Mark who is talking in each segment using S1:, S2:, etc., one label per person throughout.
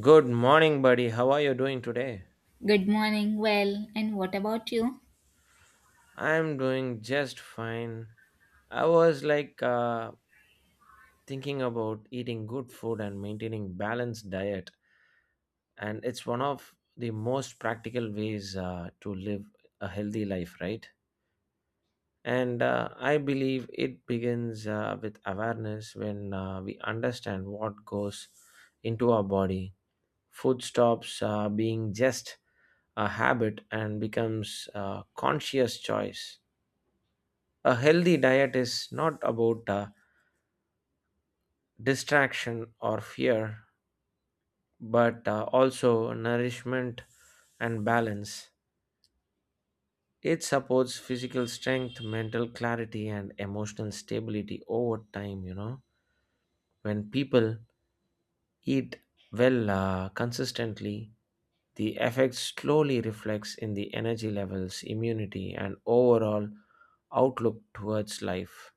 S1: Good morning, buddy. How are you doing today?
S2: Good morning. Well, and what about you?
S1: I'm doing just fine. I was like thinking about eating good food and maintaining balanced diet, and it's one of the most practical ways to live a healthy life, right? And I believe it begins with awareness when we understand what goes into our body. Food stops being just a habit and becomes a conscious choice. A healthy diet is not about distraction or fear, but also nourishment and balance. It supports physical strength, mental clarity, and emotional stability over time. When people eat well consistently, the effect slowly reflects in the energy levels, immunity, and overall outlook towards life.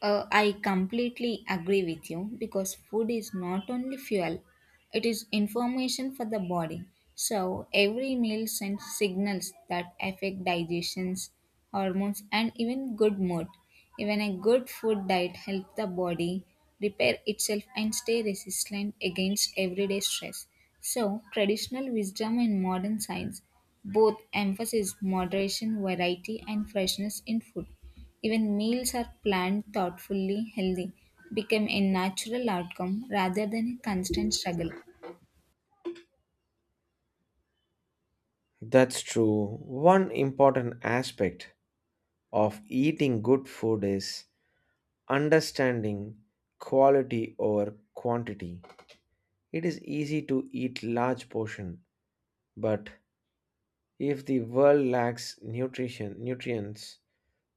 S2: I completely agree with you because food is not only fuel, it is information for the body. So, every meal sends signals that affect digestions, hormones, and even good mood. Even a good food diet helps the body repair itself and stay resilient against everyday stress. So, traditional wisdom and modern science both emphasize moderation, variety, and freshness in food. Even meals are planned thoughtfully, healthy, become a natural outcome rather than a constant struggle.
S1: That's true. One important aspect of eating good food is understanding quality over quantity. It is easy to eat large portion, but if the world lacks nutrition nutrients,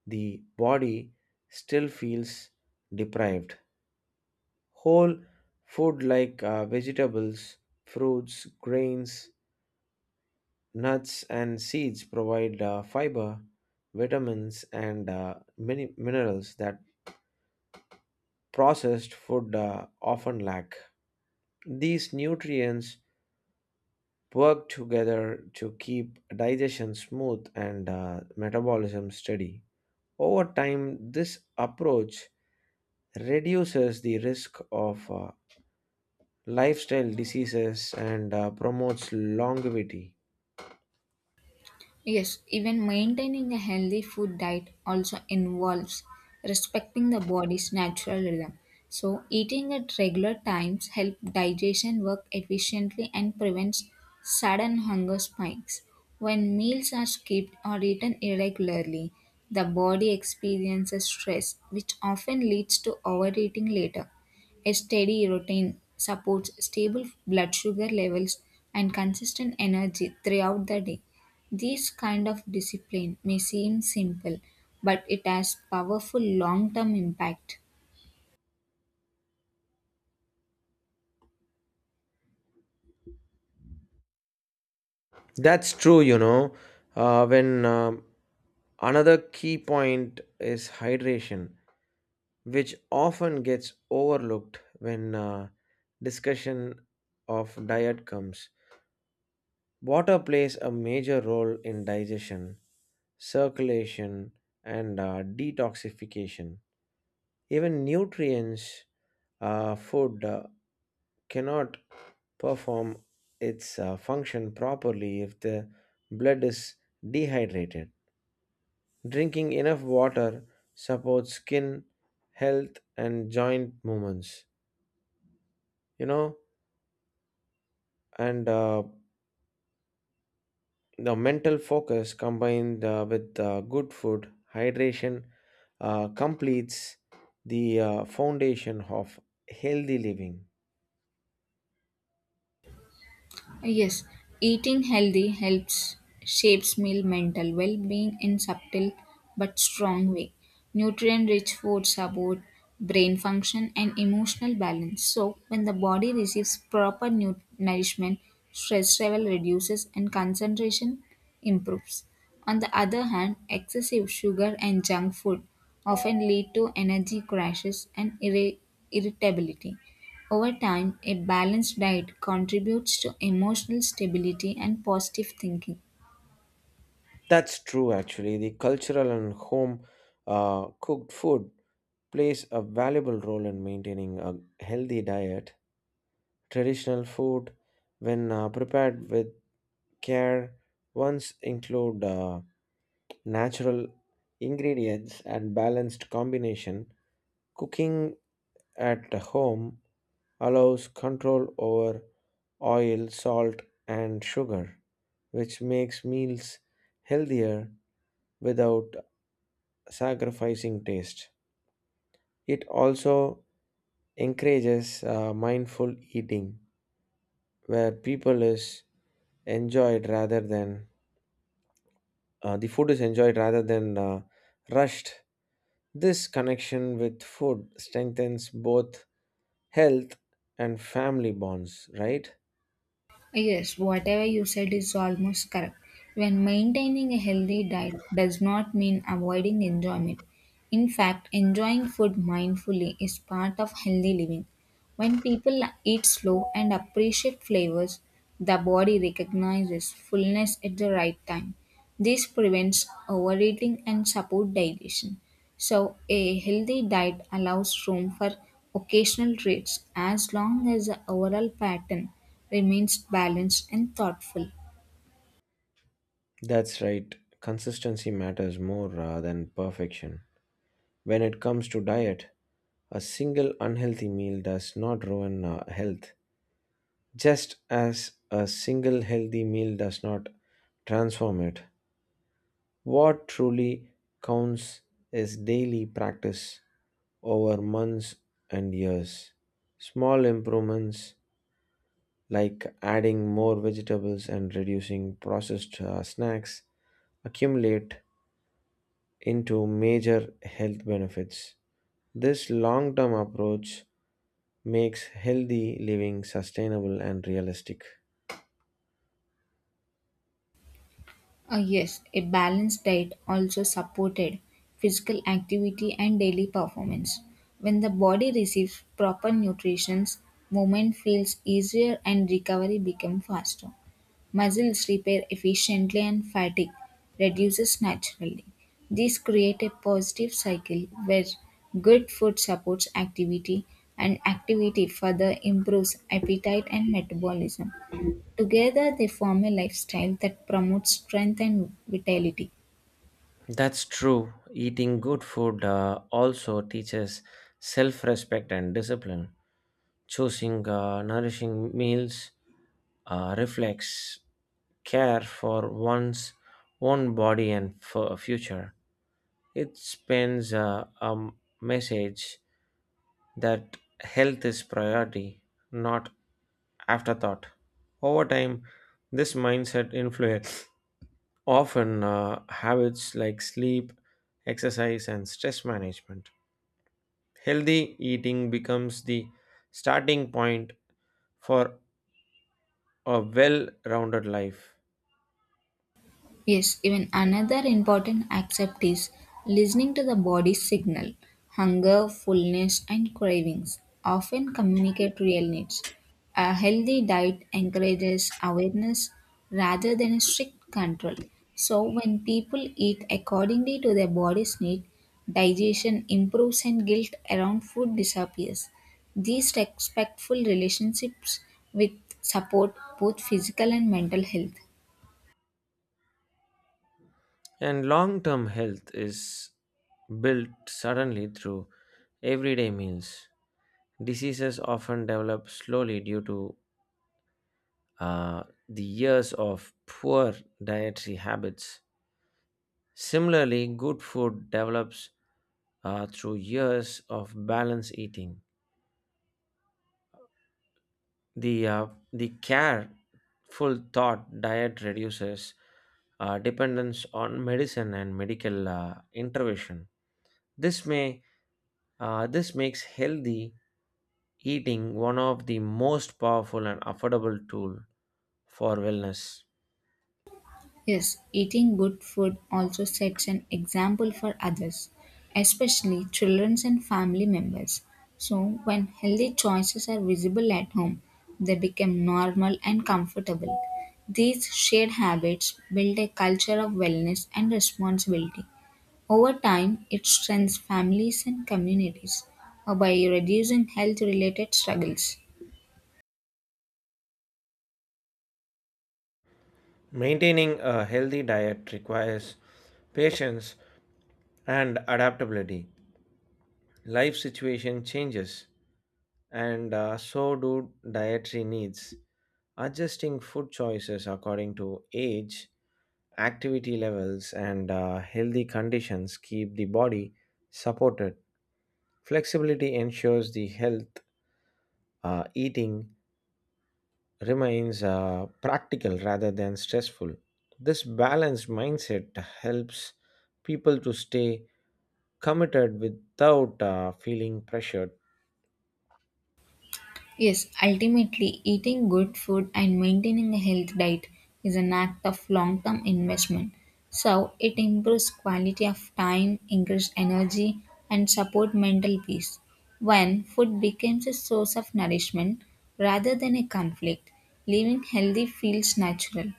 S1: the body still feels deprived. Whole food like vegetables, fruits, grains, nuts, and seeds provide fiber, vitamins, and many minerals that processed food often lack. These nutrients work together to keep digestion smooth and metabolism steady. Over time, this approach reduces the risk of lifestyle diseases and promotes longevity.
S2: Yes, even maintaining a healthy food diet also involves respecting the body's natural rhythm. So, eating at regular times help digestion work efficiently and prevents sudden hunger spikes. When meals are skipped or eaten irregularly, the body experiences stress, which often leads to overeating later. A steady routine supports stable blood sugar levels and consistent energy throughout the day. This kind of discipline may seem simple, but it has powerful long term impact.
S1: That's true, you know. When another key point is hydration, which often gets overlooked when discussion of diet comes. Water plays a major role in digestion, circulation, and detoxification. Even nutrients, food cannot perform its function properly if the blood is dehydrated. Drinking enough water supports skin health and joint movements. You know, and the mental focus combined with good food hydration completes the foundation of healthy living.
S2: Yes, eating healthy helps shapes meal mental well-being in subtle but strong way. Nutrient-rich foods support brain function and emotional balance. So, when the body receives proper nourishment, stress level reduces and concentration improves. On the other hand, excessive sugar and junk food often lead to energy crashes and irritability. Over time, a balanced diet contributes to emotional stability and positive thinking.
S1: That's true. Actually, the cultural and home cooked food plays a valuable role in maintaining a healthy diet. Traditional food when prepared with care once include natural ingredients and balanced combination. Cooking at home allows control over oil, salt, and sugar, which makes meals healthier without sacrificing taste. It also encourages mindful eating, where people is enjoyed rather than the food is enjoyed rather than rushed. This connection with food strengthens both health and family bonds, right?
S2: Yes, whatever you said is almost correct. When maintaining a healthy diet does not mean avoiding enjoyment. In fact, enjoying food mindfully is part of healthy living. When people eat slow and appreciate flavors, the body recognizes fullness at the right time. This prevents overeating and support digestion. So, a healthy diet allows room for occasional treats as long as the overall pattern remains balanced and thoughtful.
S1: That's right. Consistency matters more than perfection. When it comes to diet, a single unhealthy meal does not ruin health, just as a single healthy meal does not transform it. What truly counts is daily practice over months and years. Small improvements like adding more vegetables and reducing processed snacks accumulate into major health benefits. This long term approach makes healthy living sustainable and realistic.
S2: Yes, a balanced diet also supported physical activity and daily performance. When the body receives proper nutrition, movement feels easier and recovery becomes faster. Muscles repair efficiently and fatigue reduces naturally. These create a positive cycle where good food supports activity and activity further improves appetite and metabolism. Together they form a lifestyle that promotes strength and vitality.
S1: That's true. Eating good food also teaches self respect and discipline. Choosing nourishing meals reflects care for one's own body and for future. It spends a message that health is priority, not afterthought. Over time, this mindset influence often habits like sleep, exercise, and stress management. Healthy eating becomes the starting point for a well rounded life.
S2: Yes, even another important aspect is listening to the body's signal. Hunger, fullness, and cravings often communicate real needs. A healthy diet encourages awareness rather than a strict control. So, when people eat accordingly to their body's need, digestion improves and guilt around food disappears. These respectful relationships with support both physical and mental health.
S1: And long term health is built suddenly through everyday meals. Diseases often develop slowly due to the years of poor dietary habits. Similarly, good food develops through years of balanced eating. The careful thought diet reduces dependence on medicine and medical intervention. This may this makes healthy eating one of the most powerful and affordable tool for wellness.
S2: Yes, eating good food also sets an example for others, especially children and family members. So, when healthy choices are visible at home, they become normal and comfortable. These shared habits build a culture of wellness and responsibility. Over time, it strengthens families and communities by reducing health related struggles.
S1: Maintaining a healthy diet requires patience and adaptability. Life situation changes, and so do dietary needs. Adjusting food choices according to age, activity levels, and healthy conditions keep the body supported. Flexibility ensures the health eating remains practical rather than stressful. This balanced mindset helps people to stay committed without feeling pressured.
S2: Yes, ultimately, eating good food and maintaining a healthy diet is an act of long term investment. So, it improves quality of time, increases energy, and support mental peace. When food becomes a source of nourishment rather than a conflict, living healthy feels natural.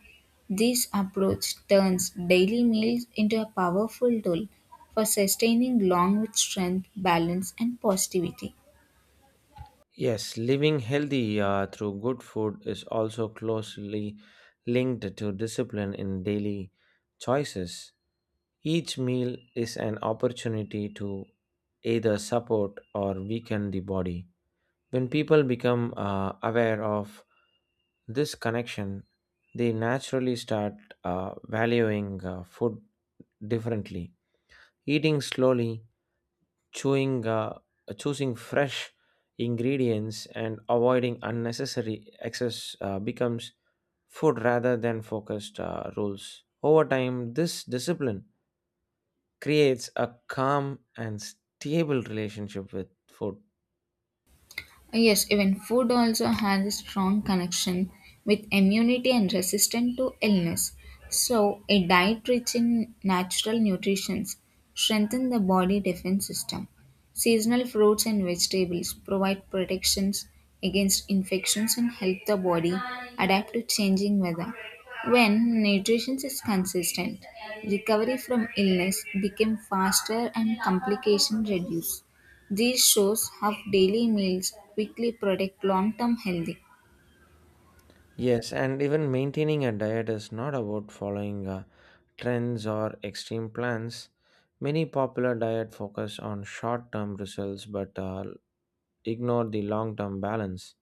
S2: This approach turns daily meals into a powerful tool for sustaining long with strength, balance, and positivity.
S1: Yes, living healthy through good food is also closely linked to discipline in daily choices. Each meal is an opportunity to either support or weaken the body. When people become aware of this connection, they naturally start valuing food differently. Eating slowly, chewing, choosing fresh ingredients, and avoiding unnecessary excess becomes food rather than focused rules. Over time, this discipline creates a calm and stable relationship with food.
S2: Yes, even food also has a strong connection with immunity and resistance to illness. So, a diet rich in natural nutrients strengthens the body defense system. Seasonal fruits and vegetables provide protections against infections and help the body adapt to changing weather. When nutrition is consistent, recovery from illness become faster and complications reduce. These shows have daily meals quickly predict long term health.
S1: Yes, and even maintaining a diet is not about following trends or extreme plans. Many popular diet focus on short-term results but ignore the long-term balance.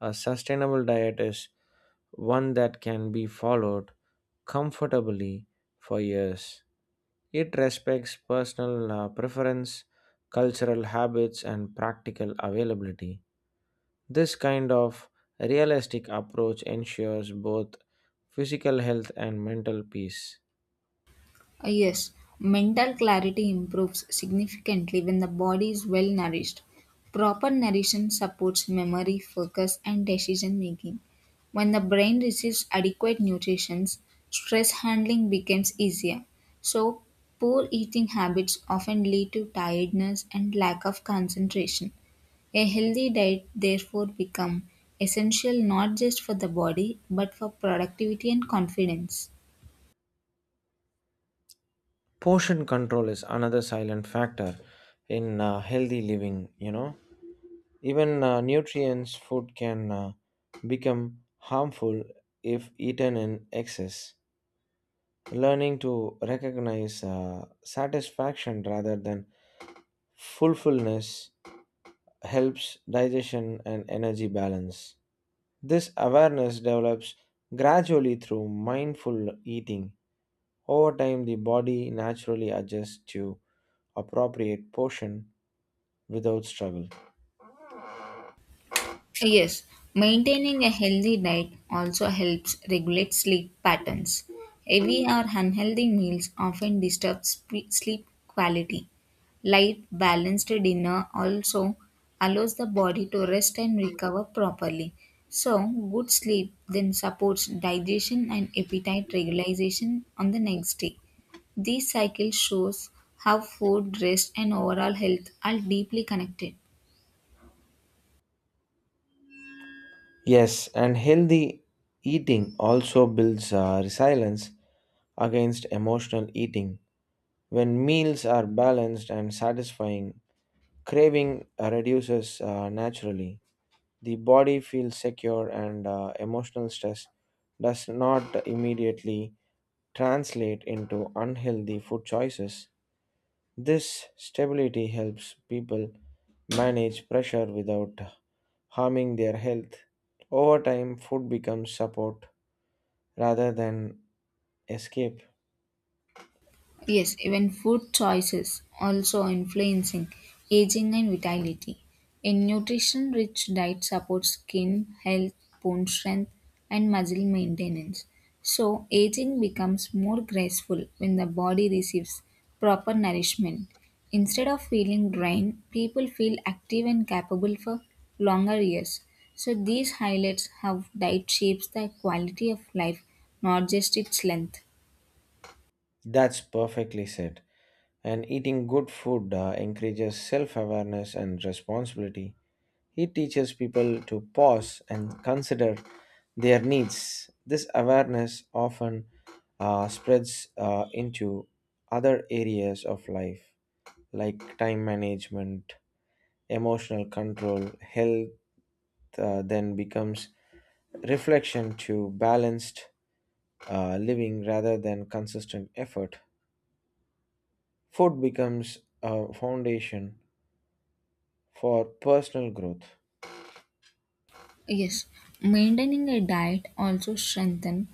S1: A sustainable diet is one that can be followed comfortably for years. It respects personal preference, cultural habits, and practical availability. This kind of realistic approach ensures both physical health and mental peace.
S2: Yes, mental clarity improves significantly when the body is well nourished. Proper nutrition supports memory, focus, and decision making. When the brain receives adequate nutrition, stress handling becomes easier. So, poor eating habits often lead to tiredness and lack of concentration. A healthy diet therefore become essential not just for the body but for productivity and confidence.
S1: Portion control is another silent factor in healthy living. Even nutrients food can become harmful if eaten in excess. Learning to recognize satisfaction rather than fulfulness helps digestion and energy balance. This awareness develops gradually through mindful eating. Over time, the body naturally adjusts to appropriate portion without struggle.
S2: Yes, maintaining a healthy diet also helps regulate sleep patterns. Heavy or unhealthy meals often disturb sleep quality. Light, balanced dinner also allows the body to rest and recover properly. So, good sleep then supports digestion and appetite regulation on the next day. This cycle shows how food, rest, and overall health are deeply connected.
S1: Yes, and healthy eating also builds resilience against emotional eating. When meals are balanced and satisfying, craving reduces naturally. The body feels secure, and emotional stress does not immediately translate into unhealthy food choices. This stability helps people manage pressure without harming their health. Over time, food becomes support rather than escape.
S2: Yes, even food choices also influencing aging and vitality. A nutrition rich diet supports skin health, bone strength, and muscle maintenance. So, aging becomes more graceful when the body receives proper nourishment. Instead of feeling drained, people feel active and capable for longer years. So, these highlights how diet shapes the quality of life, not just its length.
S1: That's perfectly said. And eating good food encourages self awareness and responsibility. He teaches people to pause and consider their needs. This awareness often spreads into other areas of life like time management, emotional control, health, then becomes reflection to balanced living rather than consistent effort. Food becomes a foundation for personal growth.
S2: Yes, maintaining a diet also strengthens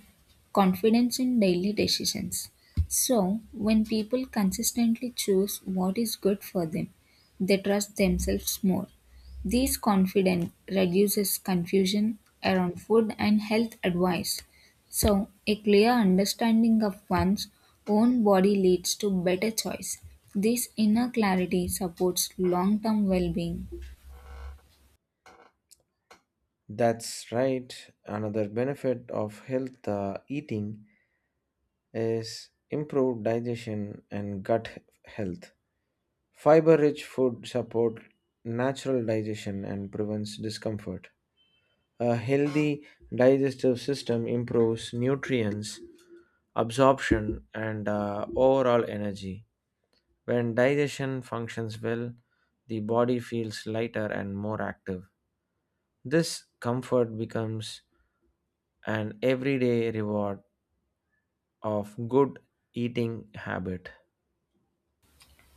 S2: confidence in daily decisions. So, when people consistently choose what is good for them, they trust themselves more. This confidence reduces confusion around food and health advice. So, a clear understanding of one's own body leads to better choice. This inner clarity supports long-term well-being.
S1: That's right. Another benefit of health eating is improved digestion and gut health. Fiber rich food support natural digestion and prevents discomfort. A healthy digestive system improves nutrients absorption and overall energy. When digestion functions well, the body feels lighter and more active. This comfort becomes an everyday reward of good eating habit.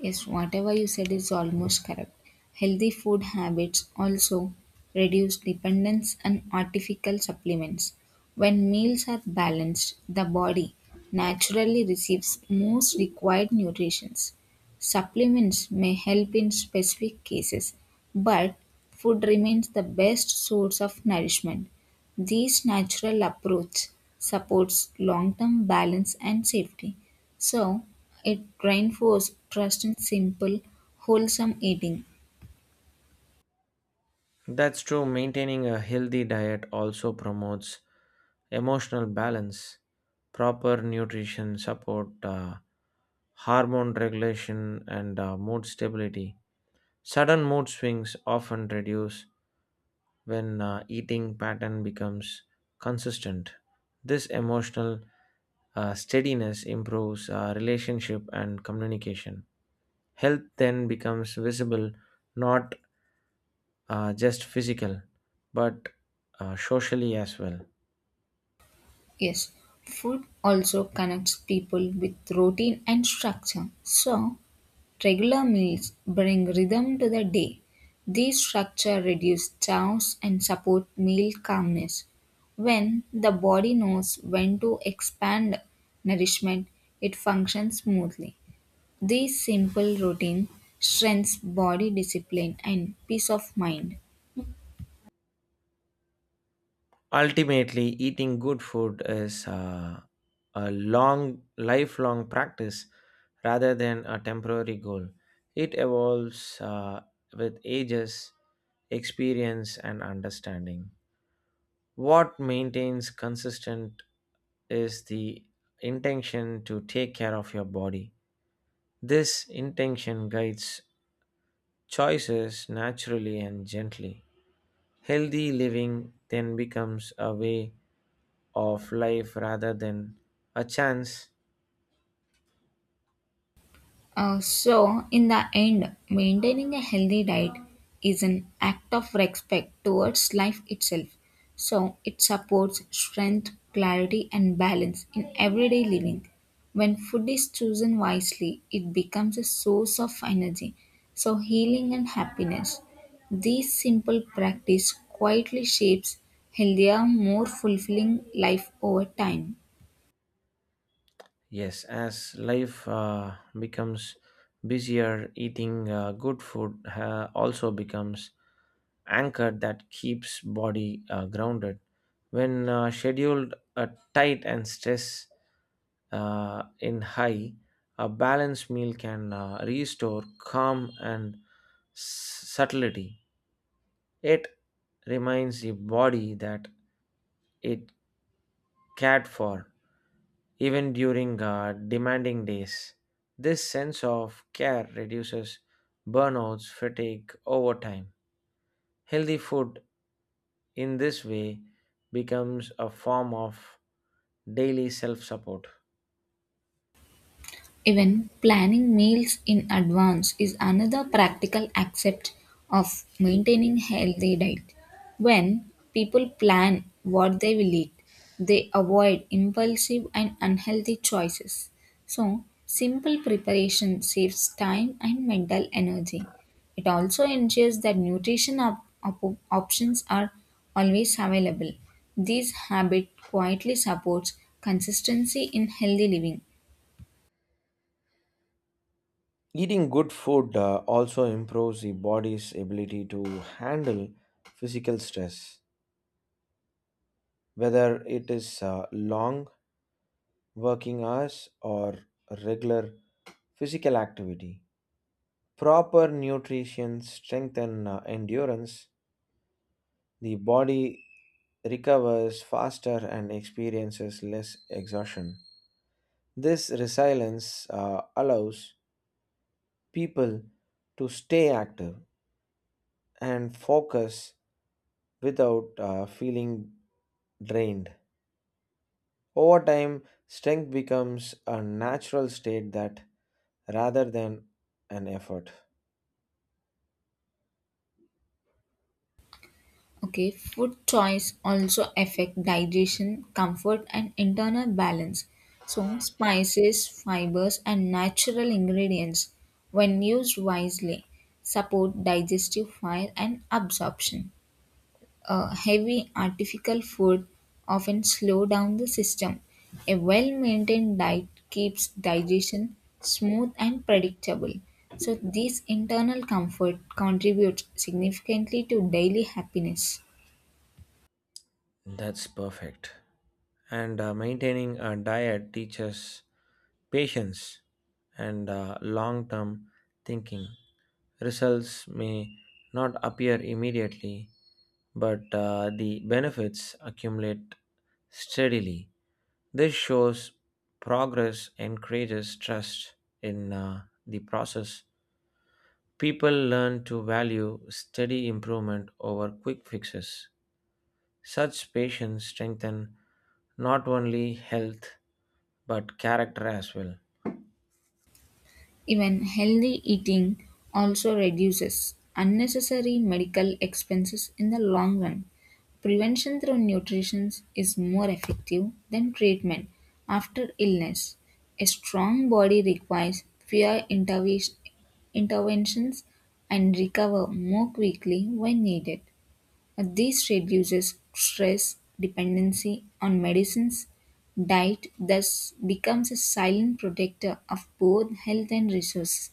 S2: Yes, whatever you said is almost correct. Healthy food habits also reduce dependence on artificial supplements. When meals are balanced, the body naturally receives most required nutrients. Supplements may help in specific cases, but food remains the best source of nourishment. This natural approach supports long-term balance and safety. So, it reinforces trust in simple, wholesome eating.
S1: That's true. Maintaining a healthy diet also promotes emotional balance, proper nutrition support, hormone regulation, and mood stability. Sudden mood swings often reduce when eating pattern becomes consistent. This emotional steadiness improves relationship and communication. Health then becomes visible not just physical, but socially as well.
S2: Yes, food also connects people with routine and structure. So, regular meals bring rhythm to the day. This structure reduces chaos and support meal calmness. When the body knows when to expand nourishment, it functions smoothly. This simple routine strengthens body discipline and peace of mind.
S1: Ultimately, eating good food is a long, lifelong practice rather than a temporary goal. It evolves with ages, experience, and understanding. What maintains consistent is the intention to take care of your body. This intention guides choices naturally and gently. Healthy living then becomes a way of life rather than a chance.
S2: So, in the end, maintaining a healthy diet is an act of respect towards life itself. So, it supports strength, clarity, and balance in everyday living. When food is chosen wisely, it becomes a source of energy, so healing and happiness. This simple practice quietly shapes healthier, more fulfilling life over time.
S1: Yes, as life becomes busier, eating good food also becomes anchor that keeps body grounded. When scheduled tight and stress in high, a balanced meal can restore calm and subtlety. It reminds the body that it cared for, even during demanding days. This sense of care reduces burnouts, fatigue over time. Healthy food in this way becomes a form of daily self support.
S2: Even planning meals in advance is another practical aspect of maintaining healthy diet. When people plan what they will eat, they avoid impulsive and unhealthy choices. So, simple preparation saves time and mental energy. It also ensures that nutrition options are always available. This habit quietly supports consistency in healthy living.
S1: Eating good food also improves the body's ability to handle physical stress, whether it is long working hours or regular physical activity. Proper nutrition strengthen endurance. The body recovers faster and experiences less exhaustion. This resilience allows people to stay active and focus without feeling drained. Over time, strength becomes a natural state that rather than an effort.
S2: Okay, food choice also affect digestion, comfort and internal balance. So spices, fibers and natural ingredients when used wisely support digestive fire and absorption. A heavy artificial food often slow down the system. A well-maintained diet keeps digestion smooth and predictable. So this internal comfort contributes significantly to daily happiness.
S1: That's perfect. And maintaining a diet teaches patience and long term thinking. Results may not appear immediately, but the benefits accumulate steadily. This shows progress encourages trust in the process. People learn to value steady improvement over quick fixes. Such patients strengthen not only health but character as well.
S2: Even healthy eating also reduces unnecessary medical expenses in the long run. Prevention through nutrition is more effective than treatment after illness. A strong body requires fewer interventions and recover more quickly when needed. And this reduces stress dependency on medicines. Diet thus becomes a silent protector of both health and resources.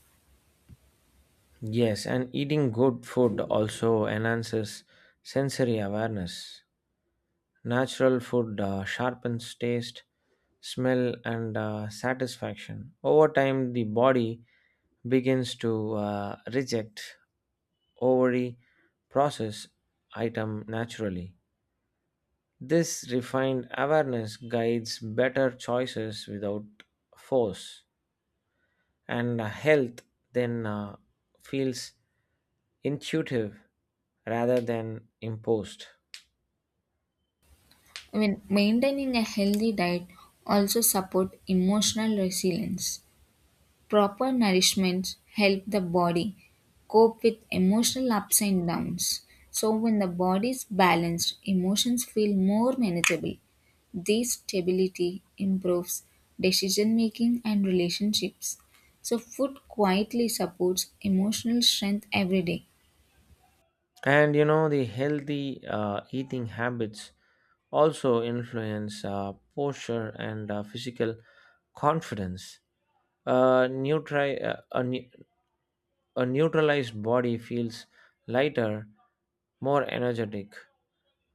S1: Yes, and eating good food also enhances sensory awareness. Natural food sharpens taste, smell, and satisfaction. Over time, the body begins to reject ovary process item naturally. This refined awareness guides better choices without force, and health then feels intuitive rather than imposed.
S2: I mean, maintaining a healthy diet also support emotional resilience. Proper nourishment help the body cope with emotional ups and downs. So when the body is balanced, emotions feel more manageable. This stability improves decision making and relationships. So, food quietly supports emotional strength every day.
S1: The healthy eating habits also influence posture and physical confidence. A, neutri- a, ne- a neutralized body feels lighter, more energetic.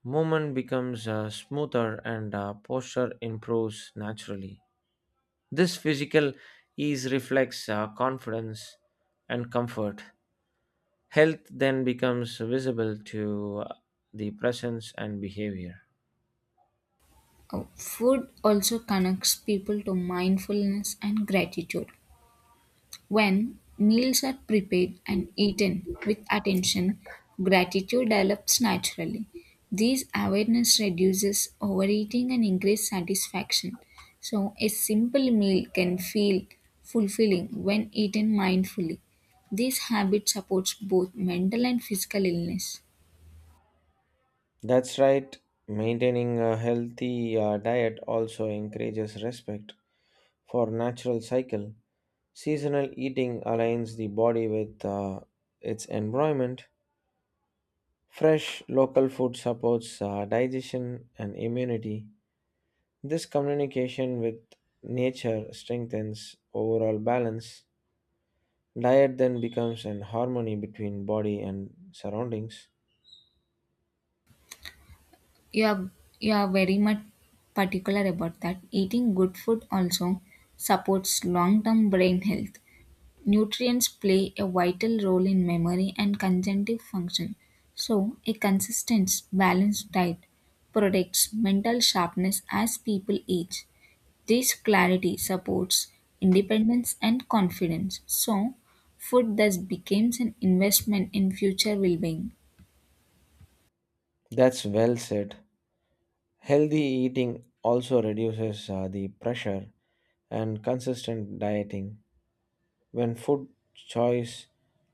S1: Movement becomes smoother and posture improves naturally. This physical ease reflects confidence and comfort. Health then becomes visible to the presence and behavior.
S2: Food also connects people to mindfulness and gratitude. When meals are prepared and eaten with attention, gratitude develops naturally. This awareness reduces overeating and increases satisfaction. So, a simple meal can feel fulfilling when eaten mindfully. This habit supports both mental and physical illness.
S1: That's right. Maintaining a healthy diet also encourages respect for natural cycle. Seasonal eating aligns the body with its environment. Fresh local food supports digestion and immunity. This communication with nature strengthens overall balance. Diet then becomes an harmony between body and surroundings.
S2: You are, you are very much particular about that. Eating good food also supports long term brain health. Nutrients play a vital role in memory and cognitive function. So, a consistent, balanced diet protects mental sharpness as people age. This clarity supports independence and confidence. So, food thus becomes an investment in future well being.
S1: That's well said. Healthy eating also reduces the pressure and consistent dieting. When food choice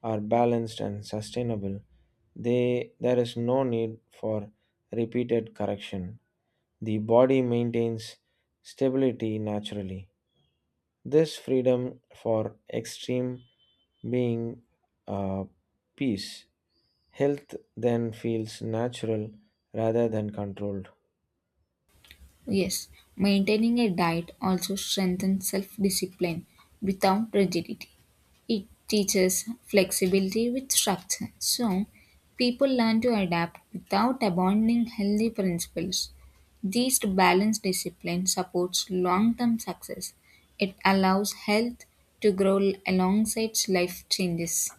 S1: are balanced and sustainable, they there is no need for repeated correction. The body maintains stability naturally. This freedom for extreme being uh, peace. Health then feels natural rather than controlled.
S2: Yes, maintaining a diet also strengthens self discipline without rigidity. It teaches flexibility with structure, so people learn to adapt without abandoning healthy principles. This balanced discipline supports long term success. It allows health to grow alongside life changes.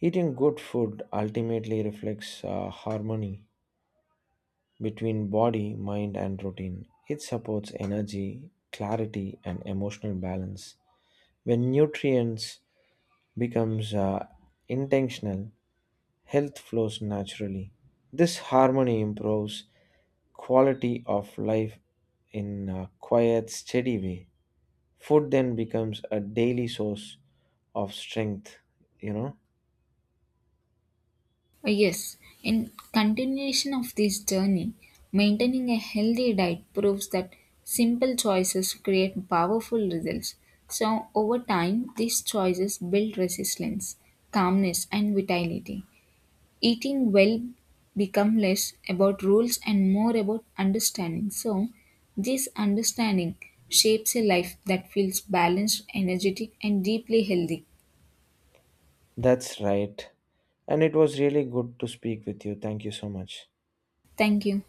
S1: Eating good food ultimately reflects harmony between body, mind, and routine. It supports energy, clarity, and emotional balance. When nutrients becomes intentional, health flows naturally. This harmony improves quality of life in a quiet, steady way. Food then becomes a daily source of strength, you know.
S2: Yes, in continuation of this journey, maintaining a healthy diet proves that simple choices create powerful results. So, over time, these choices build resilience, calmness, and vitality. Eating well become less about rules and more about understanding. So, this understanding shapes a life that feels balanced, energetic, and deeply healthy.
S1: That's right. And it was really good to speak with you. Thank you so much.
S2: Thank you.